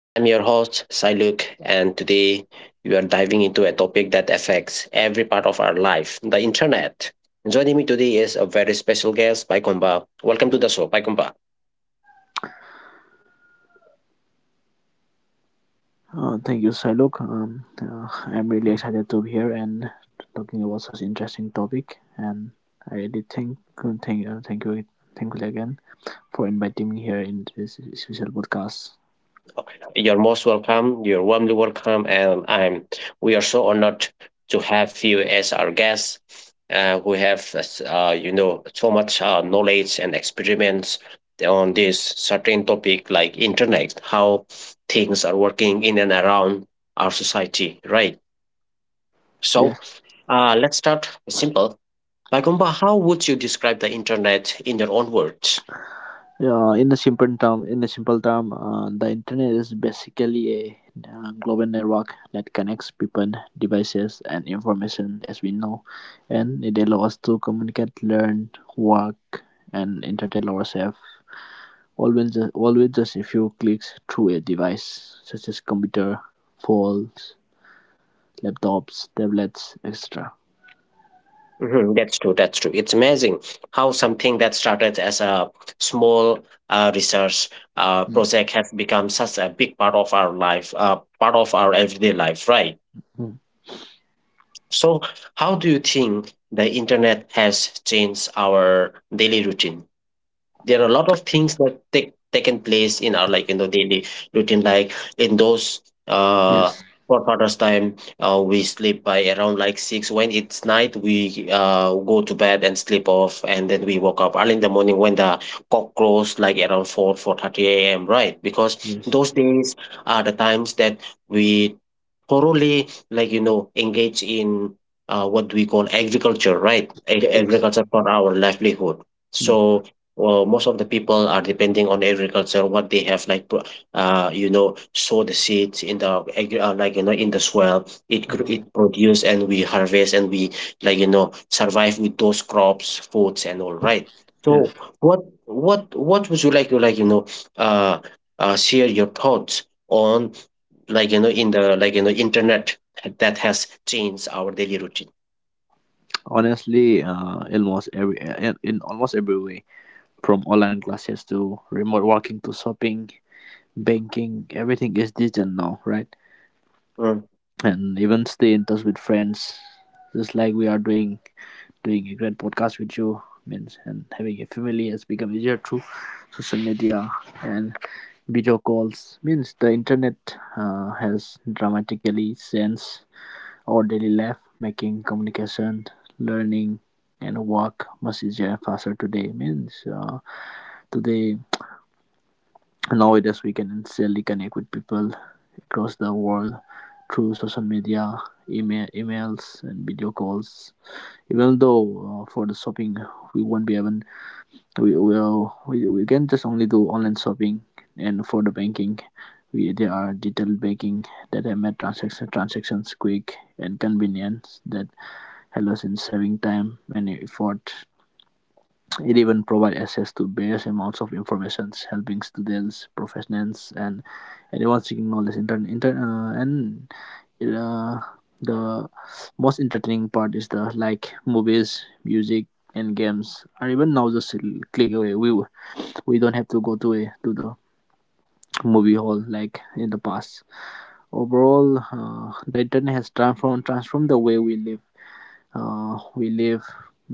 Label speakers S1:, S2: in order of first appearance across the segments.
S1: I'm your host, Siluk, and today we are diving into a topic that affects every part of our life the internet. Joining me today is a very special guest, Paikomba. Welcome to the show, Paikomba.
S2: Thank you, Silok. I'm really excited to be here and talking about such interesting topic. And I really thank you thank you again for inviting me here in this special podcast.
S1: You're most welcome. You're warmly welcome, and I'm. We are so honored to have you as our guest, who have so much knowledge and experiments on this certain topic like internet, how things are working in and around our society, right?
S2: Yeah,
S1: So, let's start simple. Bagomba, how would you describe the internet in your own words?
S2: in the simple term, the internet is basically a global network that connects people, devices, and information as we know, and it allows us to communicate, learn, work, and entertain ourselves Always just a few clicks through a device, such as computer, phones, laptops, tablets, etc.
S1: Mhm. That's true. That's true. It's amazing how something that started as a small research
S2: Mm.
S1: project has become such a big part of our life, part of our everyday life, right?
S2: Mm.
S1: So, how do you think the internet has changed our daily routine? There are a lot of things that taken place in our like you know daily routine, like in those uh
S2: Yes.
S1: for father's time. We sleep by around like six when it's night. We go to bed and sleep off, and then we woke up early in the morning when the cock crows like around 4 4:30 a.m., right, because
S2: Yes.
S1: those days are the times that we thoroughly like you know engage in what we call agriculture, right.
S2: Yes.
S1: Agriculture for our livelihood.
S2: Mm.
S1: So well, most of the people are depending on agriculture. What they have, like, you know, sow the seeds in the like you know in the soil. It
S2: Mm.
S1: it produce and we harvest, and we like you know survive with those crops, foods and all. Right.
S2: Yes.
S1: So what what would you like to like you know uh, share your thoughts on like you know in the like you know internet that has changed our daily routine?
S2: Honestly, in almost every way, from online classes to remote working to shopping, banking, everything is digital now, right?
S1: Hmm.
S2: And even stay in touch with friends, just like we are doing a great podcast with you means and having a family has become easier through social media and video calls means the internet has dramatically changed our daily life, making communication, learning, and work much easier and faster today means today nowadays we can instantly connect with people across the world through social media, email, emails, and video calls. Even though for the shopping, we won't be even we will we can just only do online shopping, and for the banking, we there are detailed banking that have made transactions quick and convenient that helps in saving time and effort. It even provides access to various amounts of information, helping students, professionals, and anyone seeking knowledge intern, intern, and uh, the most entertaining part is the like movies, music, and games are even now just click away. We don't have to go to a to the movie hall like in the past. Overall, the internet has transformed the way we live, uh, we live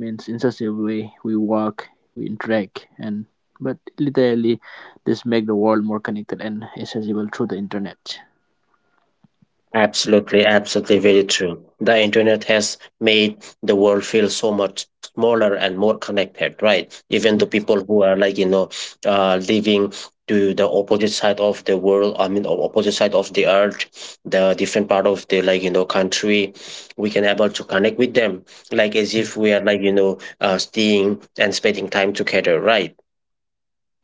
S2: means in such a way we work, we interact, and but literally this make the world more connected and accessible through the internet.
S1: Absolutely, absolutely,
S2: Mm.
S1: very true. The internet has made the world feel so much smaller and more connected, right? Even the
S2: Yes.
S1: people who are like you know, living to the opposite side of the world. I mean, opposite side of the earth, the different part of the like you know country, we can able to connect with them, like as
S2: Mm.
S1: if we are like you know, staying and spending time together, right?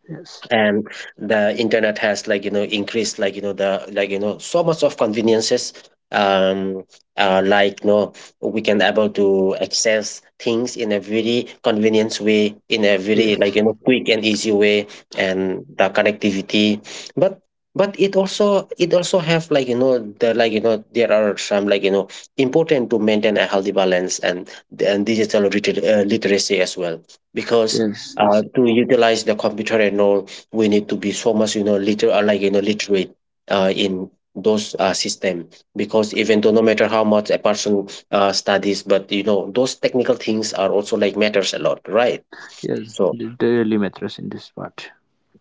S2: Yes.
S1: And the internet has like you know increased like you know the like you know so much of conveniences. um like no, we can able to access things in a very convenient way, in a very like
S2: Yes.
S1: you know quick and easy way, and the connectivity. But it also have like you know the like you know there are some like you know important to maintain a healthy balance and digital literacy as well, because
S2: Yes. Yes.
S1: to utilize the computer and all we need to be so much you know liter like you know literate in those system, because even though no matter how much a person studies, but you know those technical things are also like matters a lot, right?
S2: Yes,
S1: So
S2: it really matters in this part.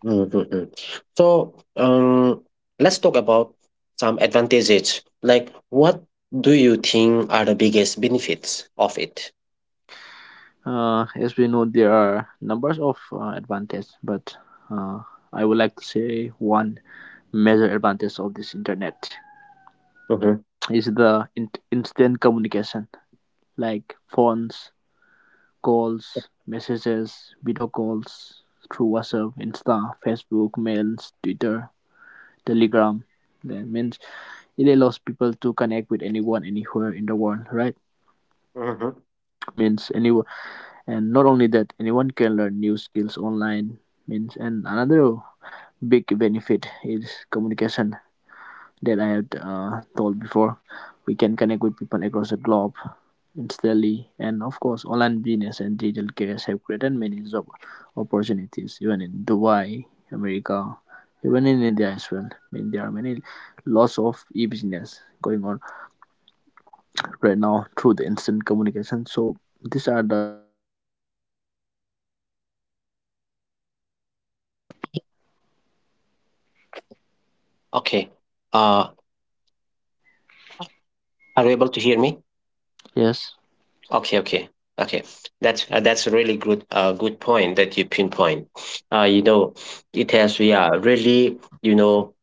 S1: mm, mm, mm. So let's talk about some advantages, like what do you think are the biggest benefits of it?
S2: As we know, there are numbers of advantages, but uh, I would like to say one major advantage of this internet
S1: Hmm.
S2: is the instant communication, like phones, calls, messages, video calls through WhatsApp, Insta, Facebook, mails, Twitter, Telegram. That means it allows people to connect with anyone anywhere in the world, right?
S1: Hmm.
S2: Means anyone, and not only that, anyone can learn new skills online means and another big benefit is communication that I had told before. We can connect with people across the globe instantly, and of course, online business and digital careers have created many job opportunities, even in Dubai, America, even in India as well. I mean, there are many lots of e-business going on right now through the instant communication. So these are the
S1: Okay. uh are you able to hear me?
S2: Yes.
S1: Okay, okay, okay. That's a really good good point that you pinpoint. You know, it has yeah really you know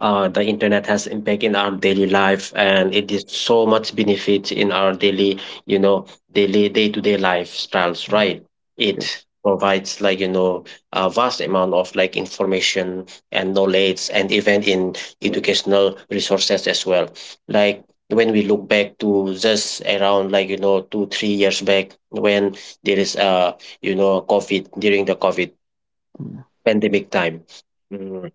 S1: the internet has impact in our daily life, and it is so much benefit in our daily you know daily day-to-day lifestyles,
S2: Mm.
S1: right?
S2: Yes.
S1: It provides like you know a vast amount of like information and knowledge and even in educational resources as well, like when we look back to just around like you know 2 3 years back when there is a you know covid, during the covid
S2: Mm.
S1: pandemic time. Mm.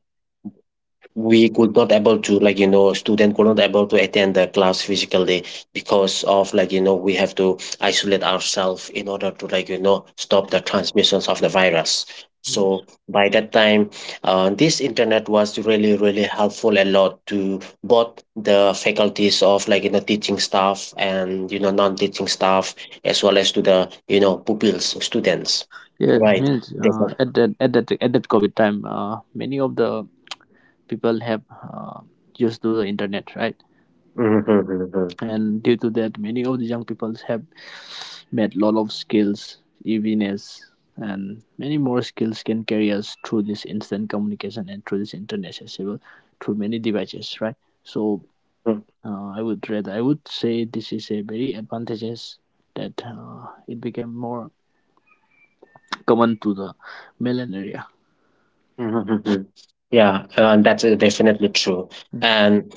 S1: We could not able to like you know student could not able to attend the class physically, because of like you know we have to isolate ourselves in order to like you know stop the transmissions of the virus.
S2: Yes.
S1: So by that time this internet was really really helpful a lot to both the faculties of like you know teaching staff and you know non-teaching staff as well as to the you know pupils students,
S2: Yes.
S1: right?
S2: Means
S1: There's
S2: uh,
S1: a-
S2: at that at that at that COVID time, many of the people have used to the internet, right?
S1: Mhm, mhm, mhm.
S2: And due to that, many of the young people have made lot of skills, evenness, and many more skills can carry us through this instant communication and through this internet accessible through many devices, right? So I would say this is a very advantageous that it became more common to the Milan area.
S1: Mhm, mhm, mhm. Yeah, that's definitely true.
S2: Mm,
S1: And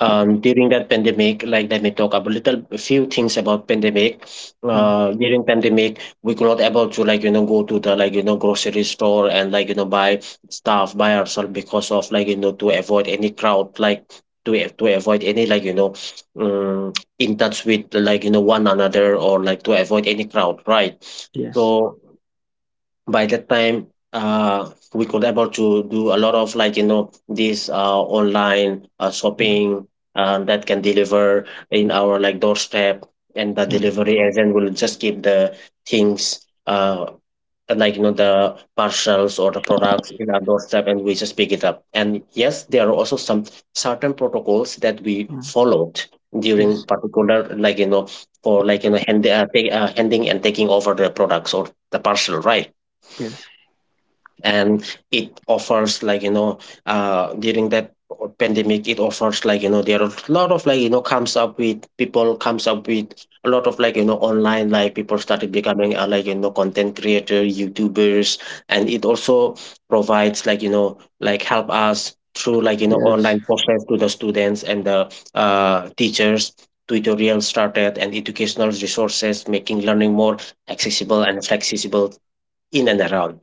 S1: during that pandemic, like let me talk about little a few things about pandemic.
S2: mm.
S1: During pandemic, we could not able to like you know go to the like you know grocery store and like you know buy stuff by ourselves, because of like you know to avoid any crowd like. To, to avoid any like you know um, in touch with like you know one another, or like to avoid any crowd, right?
S2: Yes.
S1: So by that time we could able to do a lot of like you know this online
S2: Mm,
S1: shopping that can deliver in our like doorstep, and the
S2: mm,
S1: delivery agent will just keep the things like you know the parcels or the products in our doorstep, and we just pick it up. And yes, there are also some certain protocols that we
S2: mm.
S1: followed during
S2: Yes.
S1: particular like you know for like you know handing and taking over the products or the parcel, right?
S2: Yes.
S1: And it offers like you know during that pandemic it offers like you know there are a lot of like you know comes up with people comes up with a lot of like you know online, like people started becoming like you know content creator youtubers, and it also provides like you know like help us through like you know
S2: Yes.
S1: online process to the students and the teachers. Tutorials started and educational resources making learning more accessible and flexible in and around.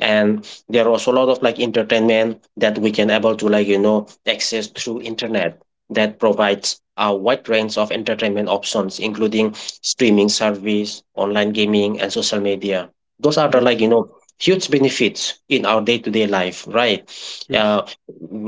S1: And there are also a lot of like entertainment that we can able to like you know access through internet, that provides a wide range of entertainment options including streaming service online gaming and social media. Those are the like
S2: Yes.
S1: you know huge benefits in our day-to-day life, right?
S2: Yes.
S1: uh,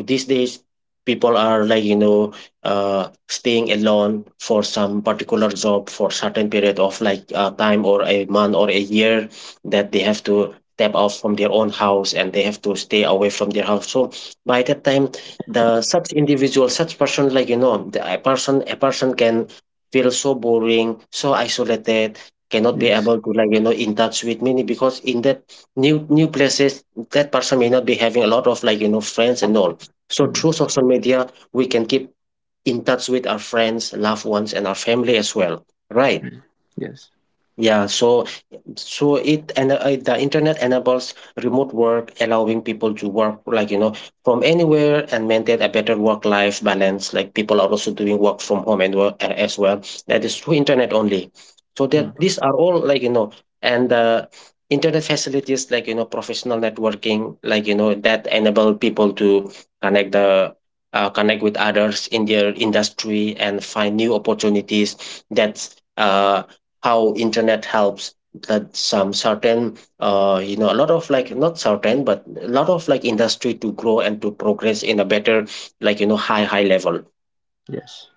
S1: these days people are like you know staying alone for some particular job for certain period of like time or a month or a year, that they have to step out from their own house and they have to stay away from their house. So by that time the such individual such person like you know the, a person can feel so boring so isolated, cannot be
S2: Yes.
S1: able to like you know in touch with many, because in that new places that person may not be having a lot of like you know friends and all. So
S2: Mm,
S1: through social media we can keep in touch with our friends, loved ones and our family as well, right?
S2: mm. Yes.
S1: Yeah. So it and the internet enables remote work, allowing people to work like you know from anywhere and maintain a better work-life balance. Like people are also doing work from home and work as well. That is through internet only. So
S2: Mm.
S1: that these are all like you know. And internet facilities like you know professional networking, like you know that enable people to connect the connect with others in their industry and find new opportunities. That's how internet helps that some certain you know a lot of like not certain but a lot of like industry to grow and to progress in a better like you know high level.
S2: Yes.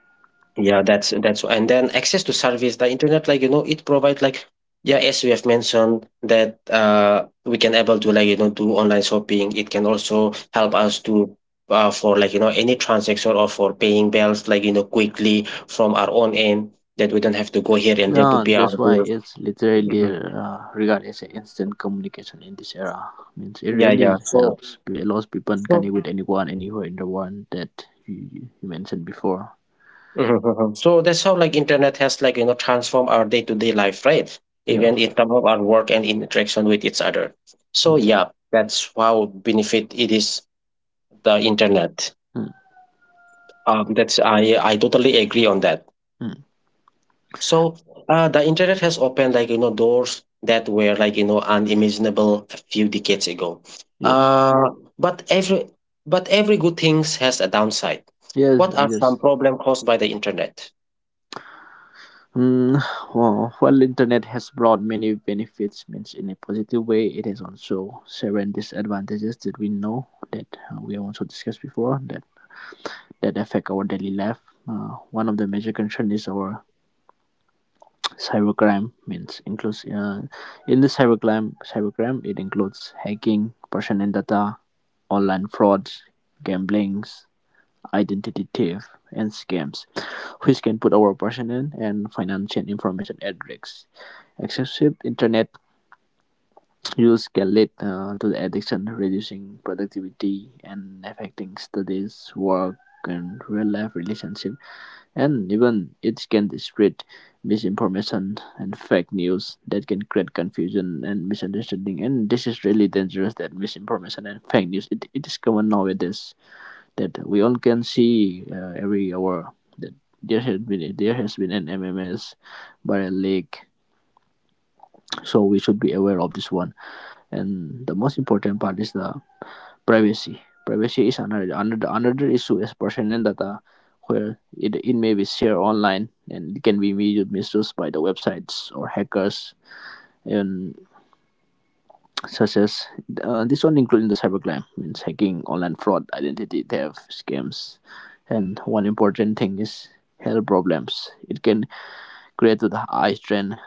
S1: Yeah, that's and then access to service the internet, like you know, it provides like, yeah, as we have mentioned that we can able to like you know do online shopping. It can also help us to for like you know any transaction or for paying bills like you know quickly from our own end, that we don't have to go here and there to
S2: Yeah,
S1: pay our
S2: that's why
S1: bills.
S2: it's literally
S1: Mhm.
S2: regarded as an instant communication in this era. Means it
S1: Yeah, yeah.
S2: really
S1: So,
S2: helps. It allows people to connect
S1: so,
S2: with anyone, anywhere in the world that you mentioned before.
S1: Mhm. So that's how like internet has like you know transformed our day to day life, right?
S2: Yeah.
S1: Even in terms of our work and interaction with each other. So
S2: Mm,
S1: yeah, that's how benefit it is the internet.
S2: mm,
S1: That's I totally agree on that.
S2: mm.
S1: So, the internet has opened like you know doors that were like you know unimaginable a few decades ago.
S2: Yes.
S1: Uh, but every but every good things has a downside.
S2: Yes,
S1: What are some
S2: yes.
S1: problem caused by the internet?
S2: Mm, well, while internet has brought many benefits, means in a positive way, it has also certain disadvantages that we know that we have also discussed before that that affect our daily life. One of the major concern is our cybercrime. Means includes cybercrime it includes hacking, personal data, online frauds, gamblings, identity theft, and scams, which can put our personal and financial information at risk. Excessive internet use can lead to addiction, reducing productivity and affecting studies, work, and real life relationship. And even it can spread misinformation and fake news that can create confusion and misunderstanding. And this is really dangerous. That misinformation and fake news it is common nowadays that we all can see every hour that there has been an MMS by a leak. So we should be aware of this one. And the most important part is the privacy. Privacy is another issue is personal data where it may be shared online and it can be misused by the websites or hackers. And such as this one including the cybercrime means hacking, online fraud, identity theft, scams, and one important thing is health problems. It can create to the eye strain,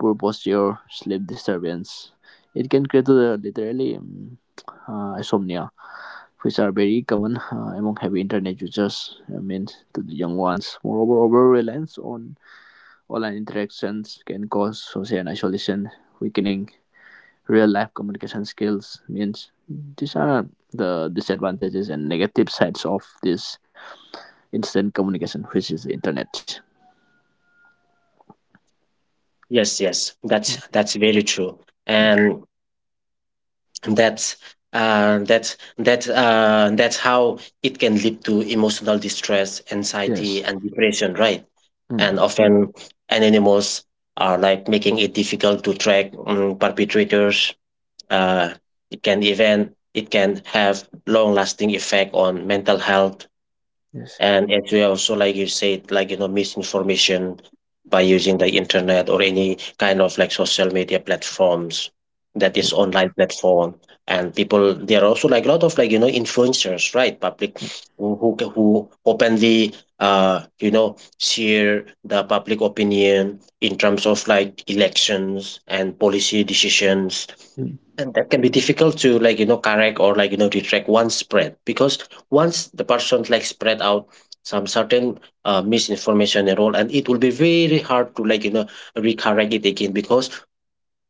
S2: poor posture, sleep disturbance. It can create to the literally insomnia, which are very common among heavy internet users. I mean to the young ones. Moreover, over reliance on online interactions can cause social isolation, weakening real life communication skills means these are the disadvantages and negative sides of this instant communication which is the internet.
S1: Yes, yes,
S2: Mm.
S1: that's very true, and that's that that that's how it can lead to emotional distress, anxiety,
S2: Yes.
S1: and depression, right?
S2: Mm.
S1: And often anonymous are like making it difficult to track perpetrators. Uh, it can even it can have long-lasting effect on mental health
S2: Yes.
S1: and as well, also like you said, misinformation by using the internet or any kind of like social media platforms that is
S2: Mm.
S1: online platform. And people, there are also like a lot of like influencers, right? Public who openly uh you know share the public opinion in terms of like elections and policy decisions,
S2: Mm.
S1: and that can be difficult to correct or retract one spread, because once the person like spread out some certain misinformation and all, and it will be very hard to recorrect it again, because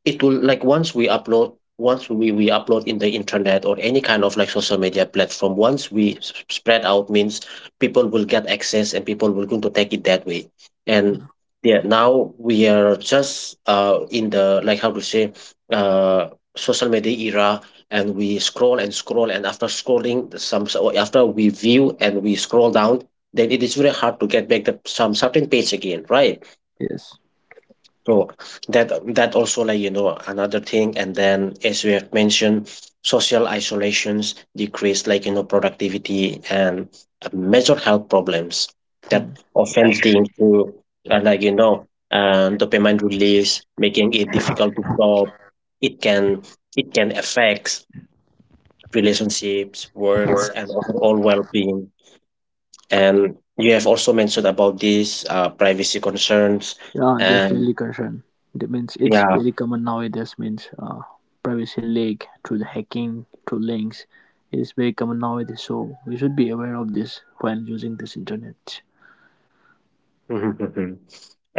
S1: it will like once we upload, once we, upload in the internet or any kind of like social media platform once we spread out means people will get access and people will going to take it that way. And yeah, now we are just in the, like, how to say, uh social media era, and we scroll and scroll, and after scrolling the some, so after we view and we scroll down, then it is very hard to get back the some certain page again, right?
S2: Yes.
S1: So that that also another thing. And then, as we have mentioned, social isolations decrease productivity and major health problems that
S2: Mm.
S1: often leading to dopamine release, making it difficult to stop. It can it can affect relationships, works,
S2: Word.
S1: and overall well-being. And you have also mentioned about these privacy concerns
S2: Yeah, there's
S1: and
S2: really concern that means it's
S1: yeah.
S2: very common nowadays means privacy leak through the hacking through links. It is very common nowadays so we should be aware of this when using this internet.
S1: Mhm, mhm.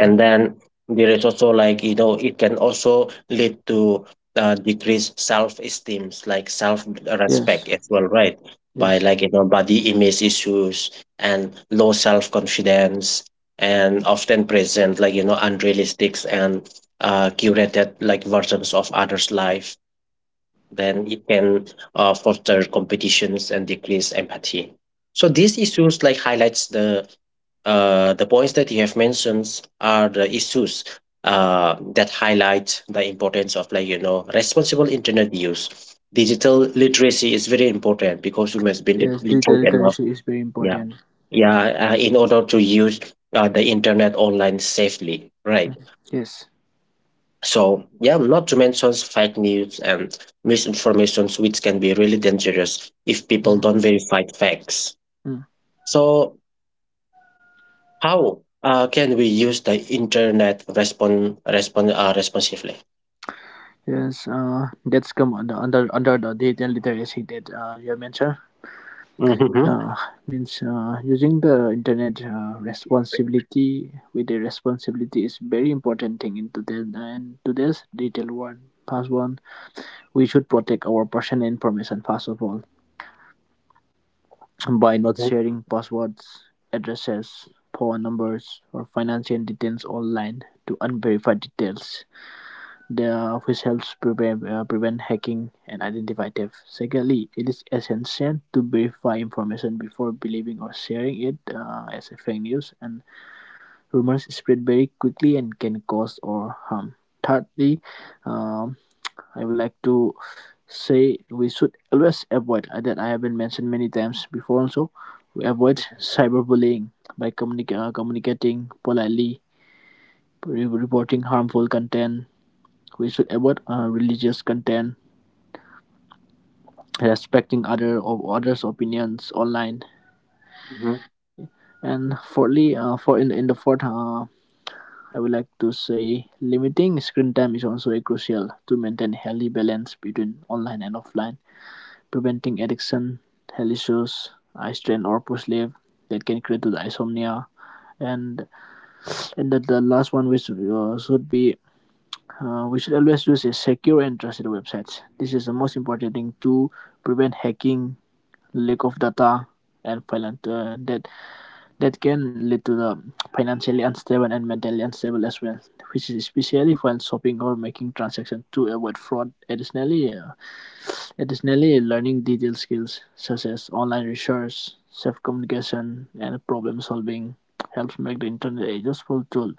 S2: Hmm.
S1: then there is also it can also lead to decreased self esteem, like self respect
S2: Yes.
S1: as well, right? By
S2: Yes.
S1: body image issues and low self confidence, and often present unrealistic and curated like versions of others life. Then it can foster competitions and decrease empathy. So these issues like highlights the points that you have mentioned are the issues that highlight the importance of responsible internet use. Digital literacy is very important because you must be
S2: Yes, data
S1: literate enough.
S2: literacy is very
S1: yeah
S2: important.
S1: yeah In order to use the internet online safely, right?
S2: Yes.
S1: So yeah, not to mention fake news and misinformations, which can be really dangerous if people
S2: Mm,
S1: don't verify facts.
S2: mm.
S1: So how can we use the internet responsively?
S2: Yes. That's come under under the data literacy that you have mentioned.
S1: Mhm, mhm,
S2: Uh, means using the internet responsibility with the responsibility is very important thing in today's and today's detail world. First one, we should protect our personal information first of all by not sharing passwords, addresses, phone numbers, or financial details online to unverified details. The office helps prevent, prevent hacking and identify theft. Secondly, it is essential to verify information before believing or sharing it as a fake news, and rumors spread very quickly and can cause or harm. Thirdly, um, I would like to say we should always avoid that I have been mentioned many times before. Also, we avoid cyberbullying by communicating politely, reporting harmful content, we should avoid religious content, respecting other of others' opinions online.
S1: mhm,
S2: And fourthly, in the fourth, I would like to say limiting screen time is also a crucial to maintain healthy balance between online and offline, preventing addiction, health issues, eye strain or poor sleep that can create to the insomnia. And the last one which should be we should always use a secure and trusted websites. This is the most important thing to prevent hacking, lack of data, and that can lead to the financially unstable and mentally unstable as well, which is especially when shopping or making transactions to avoid fraud. Additionally, learning detailed skills such as online research, self communication, and problem solving helps make the internet a useful tool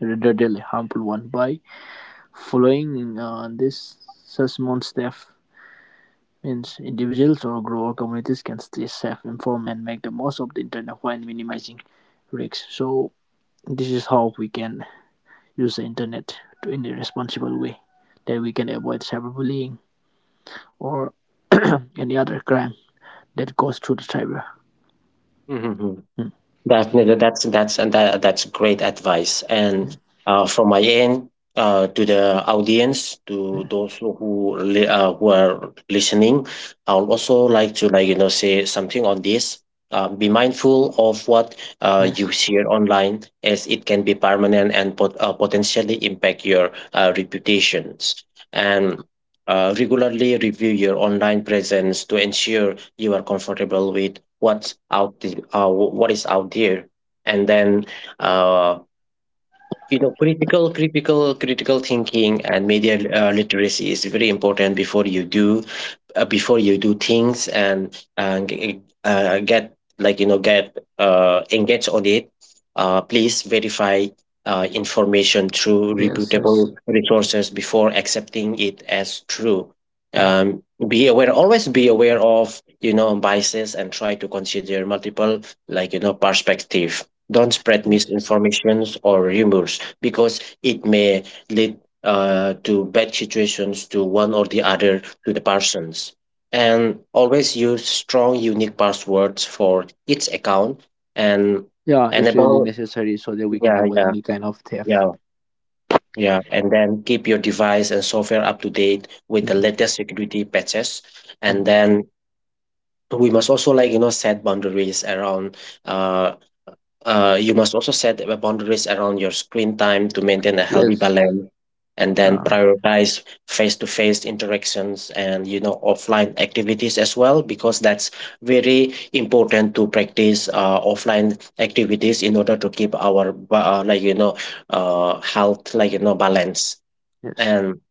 S2: rather than a harmful one by following this such small step. Means individuals or grower communities can stay safe, informed and make the most of the internet while minimizing risks. So this is how we can use the internet to in a responsible way that we can avoid cyberbullying or any other crime that goes through the cyber.
S1: mhm, mhm.
S2: Mm,
S1: Definitely, that's great advice. And
S2: mm,
S1: from my end, to the audience, to
S2: mm.
S1: those who are listening, I would also like to say something on this. Be mindful of what you
S2: Yes,
S1: share online, as it can be permanent and potentially impact your reputations. And regularly review your online presence to ensure you are comfortable with wh- what is out there. And then uh, you know critical thinking and media literacy is very important before you do, before you do things and get get engage on it. Please verify information through
S2: yes, yes.
S1: reputable resources before accepting it as true.
S2: Mm.
S1: um, be aware, always be aware of, you know, biases, and try to consider multiple perspective. Don't spread
S2: Yes.
S1: misinformations or rumors, because it may lead to bad situations to one or the other, to the persons. And always use strong unique passwords for each account, and
S2: Yeah, it's really
S1: enable,
S2: necessary so that we can
S1: yeah
S2: avoid
S1: yeah
S2: any kind of theft.
S1: yeah yeah, and then keep your device and software up to date with the
S2: Mm,
S1: latest security patches. And
S2: mm.
S1: then we must also set boundaries around uh you must also set a boundaries around your screen time to maintain a healthy
S2: Yes.
S1: balance, and then
S2: Yeah.
S1: prioritize face-to-face interactions and, you know, offline activities as well, because that's very important to practice offline activities in order to keep our health balance.
S2: Yes.
S1: And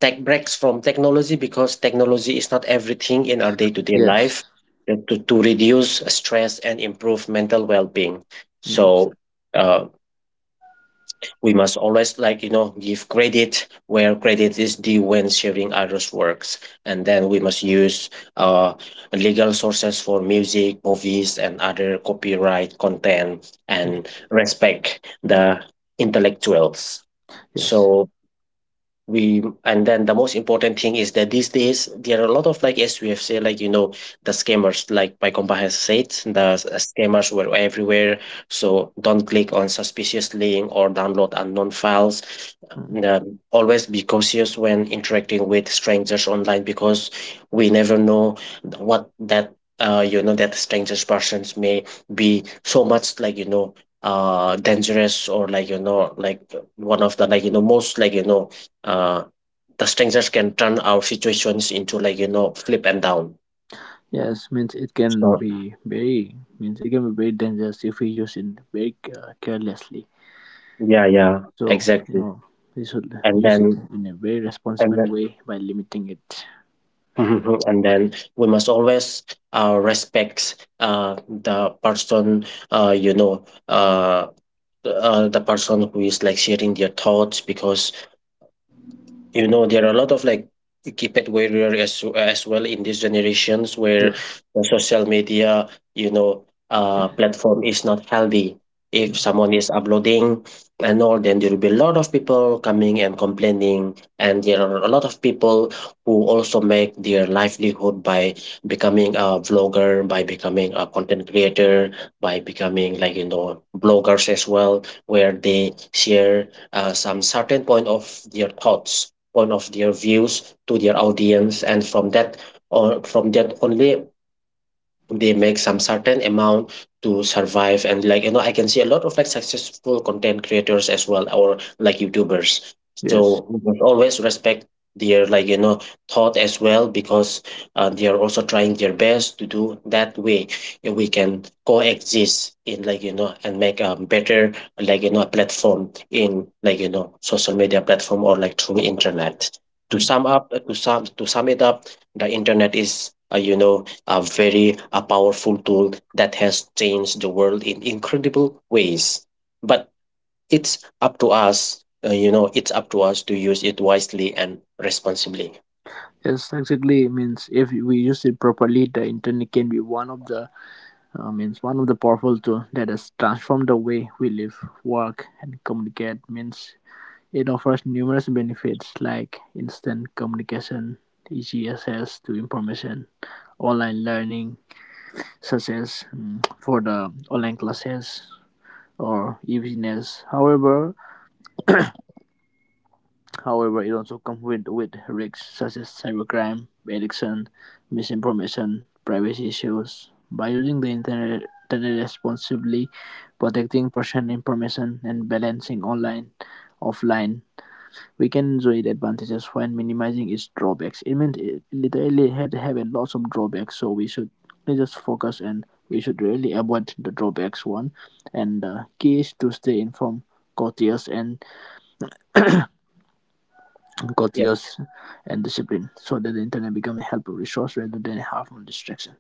S1: take breaks from technology, because technology is not everything in our day-to-day
S2: Yes.
S1: life, to reduce stress and improve mental well-being.
S2: Mm,
S1: So uh, we must always give credit where credit is due when sharing others works. And then we must use uh, legal sources for music, movies, and other copyright content,
S2: mm.
S1: and respect the intellectuals.
S2: Yes.
S1: So we, and then the most important thing is that these days there are a lot of, like, as we have said, the scammers, like my compa has said, the scammers were everywhere. So don't click on suspicious link or download unknown files.
S2: Mm.
S1: Always be cautious when interacting with strangers online, because we never know what that that strangers persons may be so much dangerous, or like one of the most uh, the strangers can turn our situations into flip and down.
S2: Yes, means it can
S1: So
S2: be very means it can be very dangerous if we use it very carelessly.
S1: yeah,
S2: So you
S1: exactly.
S2: know we should
S1: and
S2: use it
S1: then
S2: in a very
S1: and
S2: responsible
S1: then
S2: way by limiting it.
S1: and then we must always respect the person uh, you know uh, the person who is like sharing their thoughts, because, you know, there are a lot of like keypad warrior as well in these generations where
S2: Yes.
S1: the social media, you know, platform is not healthy. If
S2: Mm.
S1: someone is uploading and all, then there will be a lot of people coming and complaining, and there are a lot of people who also make their livelihood by becoming a vlogger, by becoming a content creator, by becoming bloggers as well, where they share some certain point of their thoughts, point of their views to their audience, and from that, or from that only, they make some certain amount to survive. And, I can see a lot of like successful content creators as well, or like youtubers,
S2: Yes.
S1: so we must always respect their thought as well, because they are also trying their best to do that way. We can coexist in, and make a better platform in, social media platform, or like through internet. to
S2: Mm.
S1: sum up to sum to sum it up, the internet is a very a powerful tool that has changed the world in incredible ways, but it's up to us, it's up to us to use it wisely and responsibly.
S2: Yes, exactly. Means if we use it properly, the internet can be one of the means one of the powerful tool that has transformed the way we live, work, and communicate. Means it offers numerous benefits like instant communication, easy access to information, online learning, such as mm, for the online classes or easiness. However, it also comes with risks such as cybercrime, addiction, misinformation, privacy issues. By using the internet responsibly, protecting personal information and balancing online, offline we can enjoy the advantages when minimizing its drawbacks. It meant it literally had to have a lots of drawbacks, so we should really just focus and we should really avoid the drawbacks one. And the key is to stay informed, courteous and courteous and disciplined, so that the internet becomes a helpful resource rather than a harmful distraction.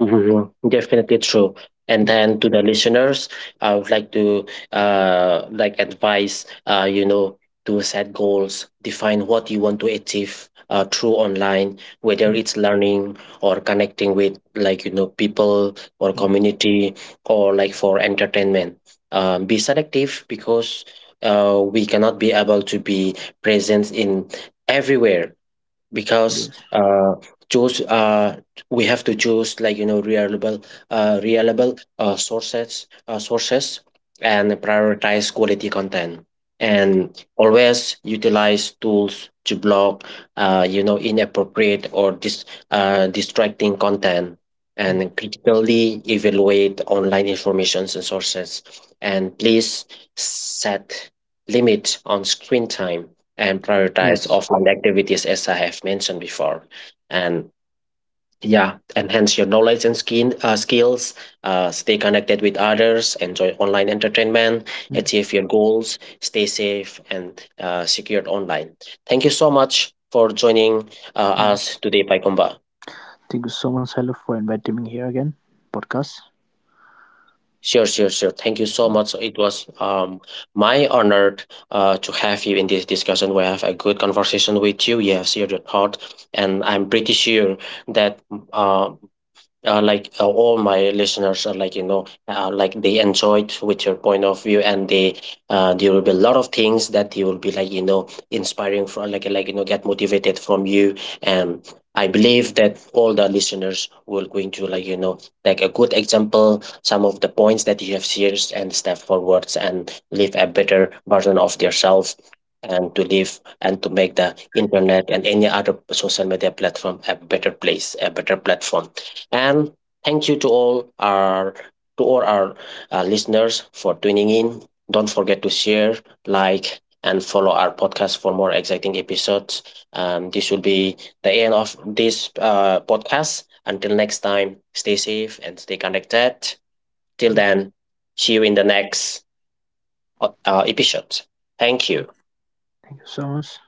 S1: Mhm. Definitely true. And
S2: Yes.
S1: then to the listeners, I would like to like advise, to set goals, define what you want to achieve through online, whether
S2: Mm,
S1: it's learning or connecting with people or
S2: mm, mm.
S1: community, or like for entertainment. Be selective, because we cannot be able to be present in everywhere, because
S2: Yes.
S1: choose we have to choose reliable sources, and prioritize quality content, and always utilize tools to block inappropriate or distracting content,
S2: Mm.
S1: and critically evaluate online informations and sources. And please set limit on screen time and prioritize
S2: Yes.
S1: offline activities, as I have mentioned before. And yeah, enhance your knowledge and skin skills, stay connected with others, enjoy online entertainment,
S2: Mm,
S1: achieve your goals, stay safe and secured online. Thank you so much for joining uh,
S2: mm.
S1: us today, Paikomba.
S2: Thank you so much, Hello, for inviting me here again. Podcast.
S1: Sure, sure, sure. Thank you so
S2: Mm.
S1: much. So, it was my honor to have you in this discussion. We have a good conversation with you. You have shared your thought, and I'm pretty sure that uh, all my listeners are like, they enjoyed with your point of view, and they there will be a lot of things that they will be inspiring from, like, get motivated from you. And I believe that all the listeners will going to take a good example, some of the points that you have shared, and step forwards and live a better version of themselves, and to live and to make the internet and any other social media platform a better place, a better platform. And thank you to all our, to all our listeners for tuning in. Don't forget to share, like, and follow our podcast for more exciting episodes. And this will be the end of this podcast. Until next time, stay safe and stay connected. Till then, see you in the next episode. Thank you.
S2: Thank you so much.